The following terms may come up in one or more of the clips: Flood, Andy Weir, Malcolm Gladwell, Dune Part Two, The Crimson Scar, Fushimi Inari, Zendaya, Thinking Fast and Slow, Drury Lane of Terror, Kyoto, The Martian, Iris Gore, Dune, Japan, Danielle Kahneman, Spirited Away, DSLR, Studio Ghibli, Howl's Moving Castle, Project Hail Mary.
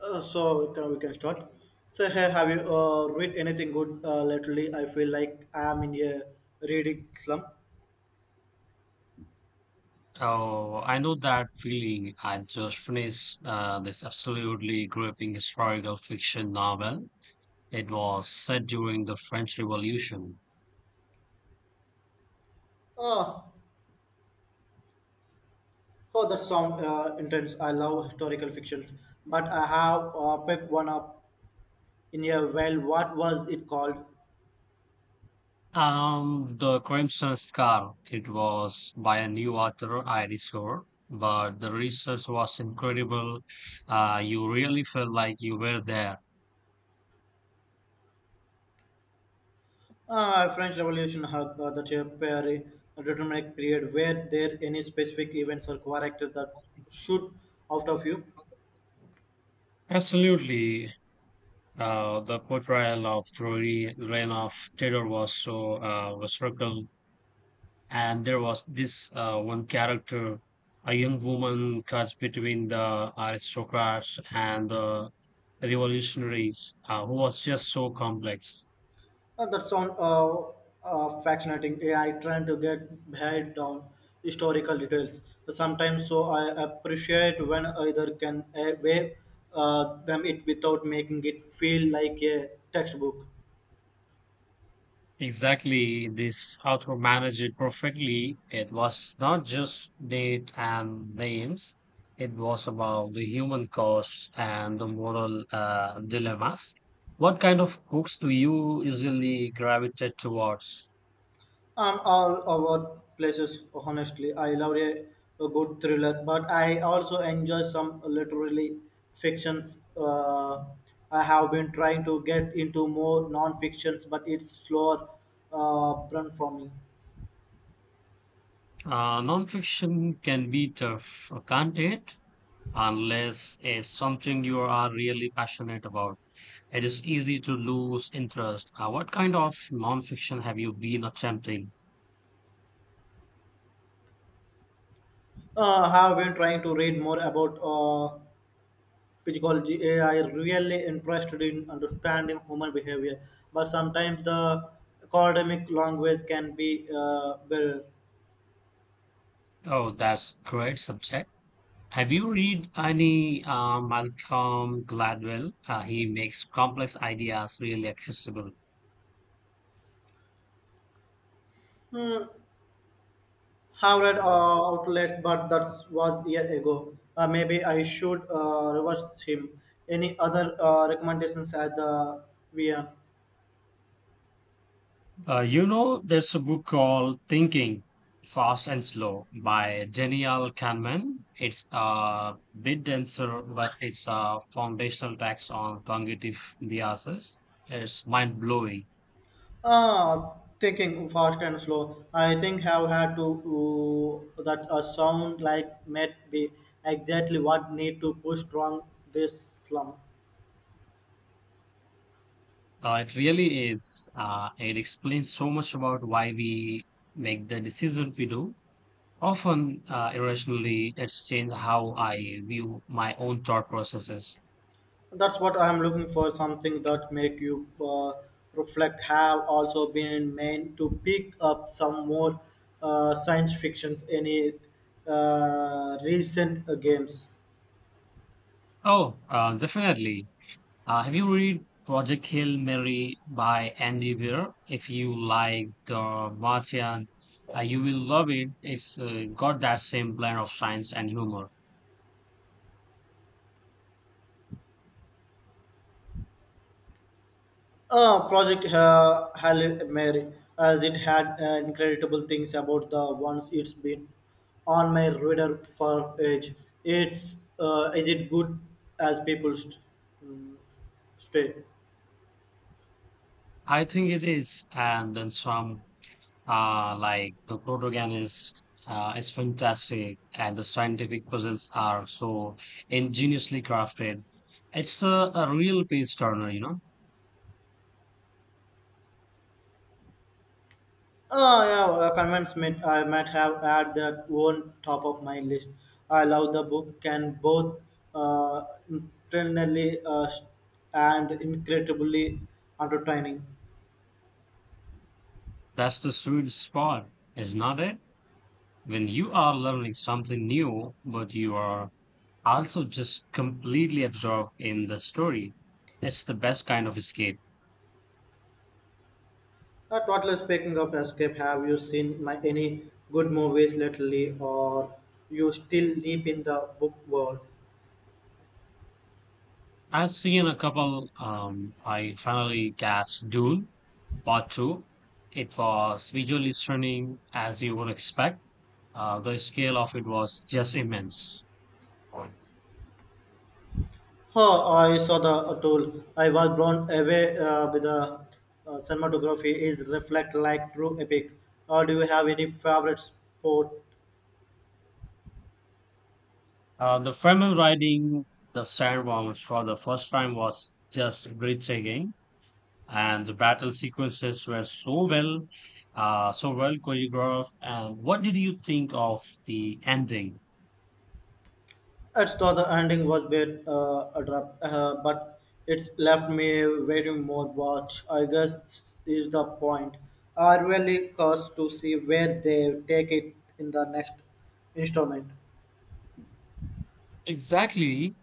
So we can start. So hey, have you read anything good lately? I feel like I am in a reading slump. Oh, I know that feeling. I just finished this absolutely gripping historical fiction novel. It was set during the French Revolution. Uh, oh, that sound intense. I love historical fictions, but I have picked one up in a well. What was it called? The Crimson Scar. It was by a new author, Iris Gore, but the research was incredible. You really felt like you were there. French Revolution had the very determinate period. Were there any specific events or characters that should out of you? Absolutely. The portrayal of Drury Lane of Terror was so was structural, and there was this one character, a young woman caught between the aristocrats and the revolutionaries, who was just so complex. That sound fascinating. Yeah, I try to get behind down historical details sometimes, so I appreciate when either can weigh them it without making it feel like a textbook. Exactly, this author managed it perfectly. It was not just date and names; it was about the human cost and the moral dilemmas. What kind of books do you usually gravitate towards? All our places, honestly, I love a good thriller, but I also enjoy some literary fictions. I have been trying to get into more non-fictions, but it's slower burn for me. Nonfiction can be tough, can't it? Unless it's something you are really passionate about, it is easy to lose interest. What kind of nonfiction have you been attempting? Have been trying to read more about psychology. I really interested in understanding human behavior, but sometimes the academic language can be well. Oh, that's great subject. Have you read any Malcolm Gladwell? He makes complex ideas really accessible. Hmm, have read outlets, but that was year ago. Maybe I should reverse him. Any other recommendations at the VM? You know, there's a book called Thinking Fast and Slow by Danielle Kahneman. It's a bit denser, but it's a foundational text on cognitive biases. It's mind blowing. Ah, thinking fast and slow. I think have had to that a sound like might be exactly what need to push strong this slum. It really is. It explains so much about why we make the decisions we do. Often, irrationally, it's changed how I view my own thought processes. That's what I'm looking for. Something that make you reflect. Have also been meant to pick up some more science fictions. Any recent games. Oh, definitely. Have you read Project Hail Mary by Andy Weir? If you like The Martian, you will love it. It's got that same blend of science and humor. Project Hail Mary, as it had incredible things about the ones it's been on my radar for age. It's is it good as people mm, stay? I think it is, and then some. Like the protagonist is fantastic, and the scientific puzzles are so ingeniously crafted. It's a real page turner, you know. Oh yeah, convince me. I might have had that one top of my list. I love the book. Can both uh, internally and incredibly entertaining. That's the sweet spot, is not it? When you are learning something new, but you are also just completely absorbed in the story. It's the best kind of escape. Totally speaking of escape, have you seen my, any good movies lately, or you still deep in the book world? I've seen a couple. I finally catch Dune Part Two. It was visually stunning, as you would expect. The scale of it was just immense. Huh, I saw the tool. I was blown away with the cinematography. Is reflect like true epic. Or do you have any favorite sport. The Fremen riding the sandworms for the first time was just breathtaking, and the battle sequences were so well choreographed. And what did you think of the ending? It's thought the ending was bit abrupt, but it's left me waiting more watch. I guess is the point. I really curious to see where they take it in the next installment. Exactly.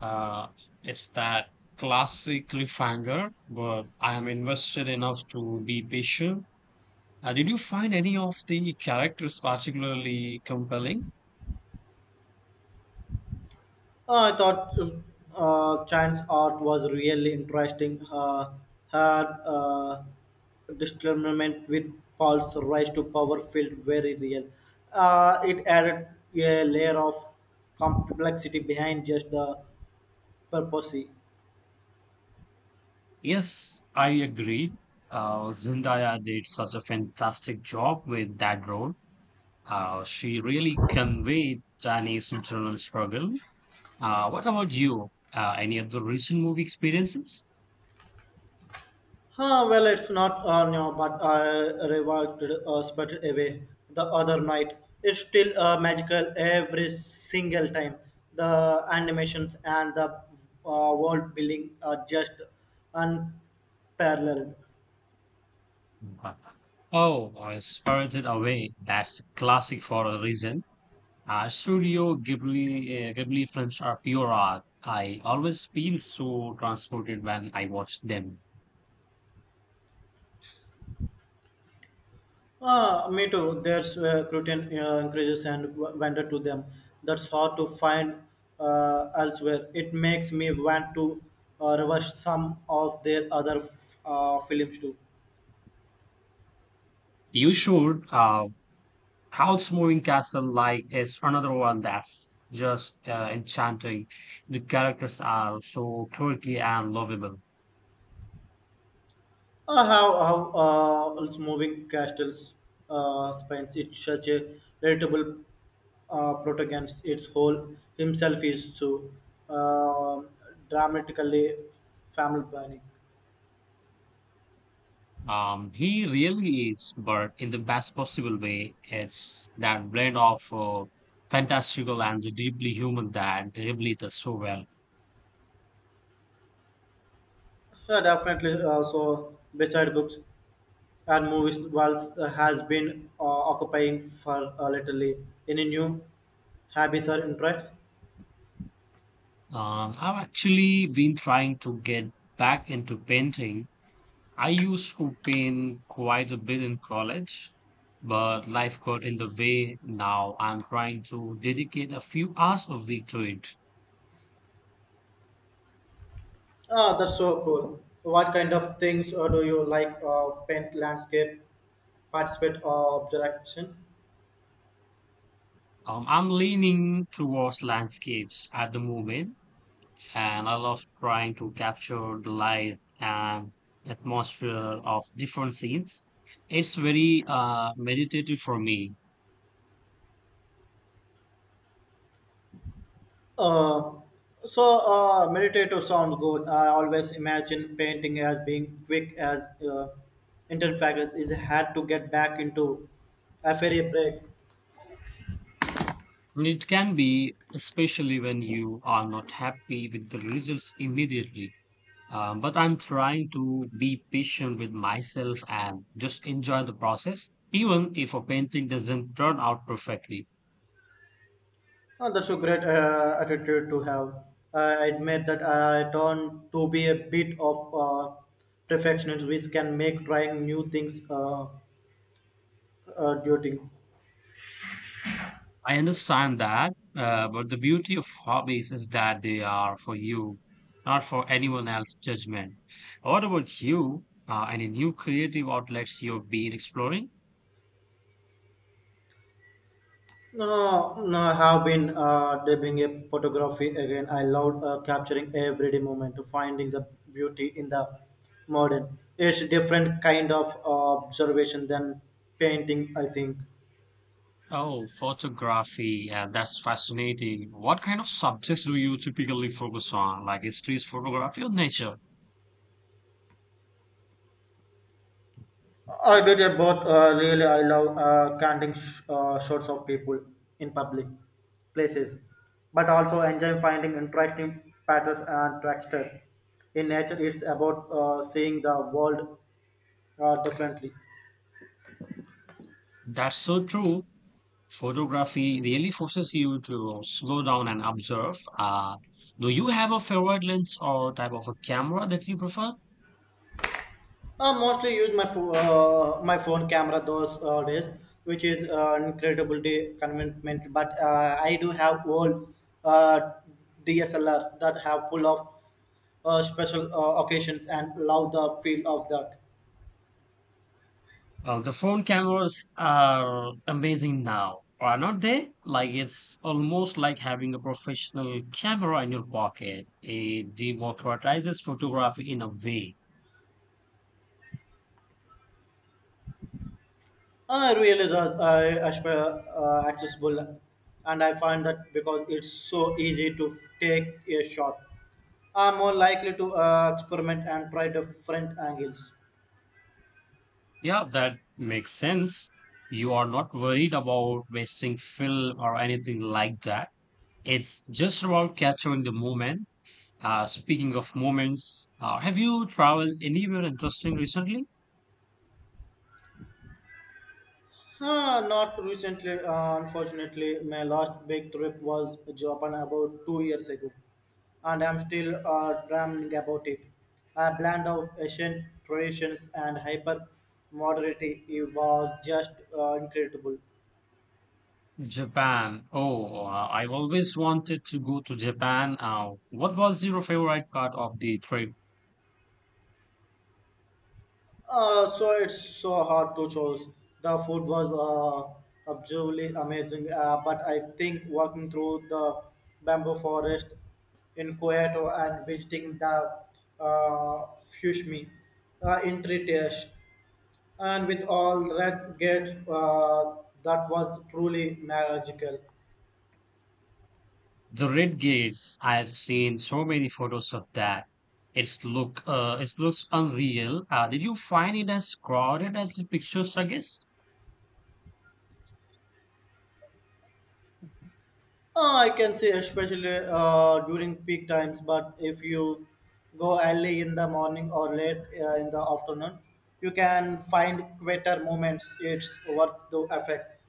Uh, it's that classic cliffhanger, but I am invested enough to be patient. Did you find any of the characters particularly compelling? I thought Chan's art was really interesting. Had discernment with Paul's rise to power felt very real. It added a layer of complexity behind just the purposely. Yes, I agree. Zendaya did such a fantastic job with that role. She really conveyed Danny's internal struggle. What about you? Any other recent movie experiences? Huh, well, it's not no, but I revived sputtered away the other night. It's still magical every single time. The animations and the world building are just unparalleled. Oh, I Spirited Away. That's a classic for a reason. Studio Ghibli, Ghibli films are pure art. I always feel so transported when I watch them. Ah, me too. There's curtain increases and wonder to them. That's hard to find elsewhere. It makes me want to reverse some of their other films too. You should. House Moving Castle like is another one that's just enchanting. The characters are so quirky and lovable. How have it's moving castles spines. It's such a veritable protagonist. Its whole himself is so uh, dramatically family planning. He really is, but in the best possible way. It's that blend of fantastical and the deeply human that really does so well. Yeah, definitely. So beside books and movies, Walls has been occupying for lately. Any new hobbies or interests? I've actually been trying to get back into painting. I used to paint quite a bit in college, but life got in the way. Now I'm trying to dedicate a few hours a week to it. Ah, that's so cool. What kind of things do you like? Paint, landscape, participate, or observation? I'm leaning towards landscapes at the moment, and I love trying to capture the light and atmosphere of different scenes. It's very meditative for me. Uh, so meditative sounds good. I always imagine painting as being quick as in fact it is had to get back into a fairy break. And it can be, especially when you are not happy with the results immediately. But I'm trying to be patient with myself and just enjoy the process, even if a painting doesn't turn out perfectly. Oh, that's a great attitude to have. I admit that I turn to be a bit of perfectionist, which can make trying new things daunting. I understand that, but the beauty of hobbies is that they are for you, not for anyone else's judgment. What about you? Any new creative outlets you've been exploring? No, no, I have been dabbling in photography again. I love capturing everyday moment, finding the beauty in the modern. It's different kind of observation than painting, I think. Oh, photography. Yeah, that's fascinating. What kind of subjects do you typically focus on? Like history, photography, or nature? I did it both. Really, I love canting shots of people in public places, but also enjoy finding interesting patterns and textures in nature. It's about seeing the world differently. That's so true. Photography really forces you to slow down and observe. Do you have a favorite lens or type of a camera that you prefer? I mostly use my my phone camera those days, which is incredibly convenient. But I do have old uh, DSLR that have full of special occasions and love the feel of that. Well, the phone cameras are amazing now, are not they? Like it's almost like having a professional camera in your pocket. It democratizes photography in a way. I really does as per, accessible, and I find that because it's so easy to take a shot, I'm more likely to experiment and try different angles. Yeah, that makes sense. You are not worried about wasting film or anything like that. It's just about capturing the moment. Speaking of moments, have you traveled anywhere interesting recently? Huh, not recently, unfortunately. My last big trip was Japan about 2 years ago, and I'm still dreaming about it. A blend of Asian traditions and hyper modernity it was just incredible. Japan. Oh, I've always wanted to go to Japan. What was your favorite part of the trip? So it's so hard to choose. The food was absolutely amazing, but I think walking through the bamboo forest in Kyoto and visiting the Fushimi in Tritiash and with all red gate, that was truly magical. The red gates. I've seen so many photos of that. It's look. It looks unreal. Did you find it as crowded as the pictures suggest? I can say especially during peak times, but if you go early in the morning or late in the afternoon, you can find quieter moments. It's worth the effect.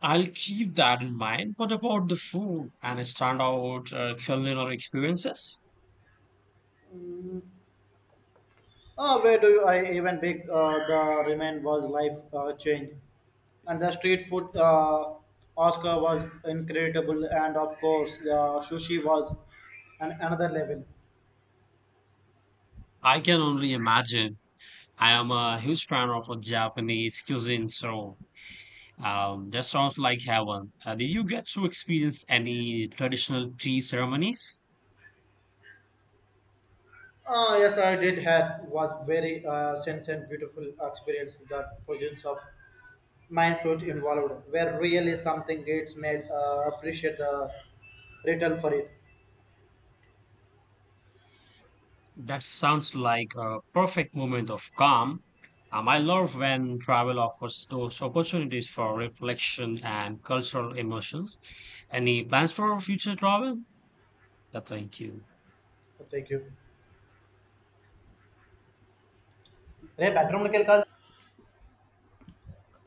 I'll keep that in mind. What about the food and standout culinary experiences? Where do you, I even big the remain was life change, and the street food Oscar was incredible, and of course the sushi was an another level. I can only imagine. I am a huge fan of a Japanese cuisine, so that sounds like heaven. Did you get to experience any traditional tea ceremonies? Yes, I did had was very sense and beautiful experience. The presence of mind fruit involved were really something. It's made appreciate the return for it. That sounds like a perfect moment of calm. I love when travel offers those opportunities for reflection and cultural emotions. Any plans for future travel? Yeah, thank you. Thank you. Hey, bedroom निकल कर.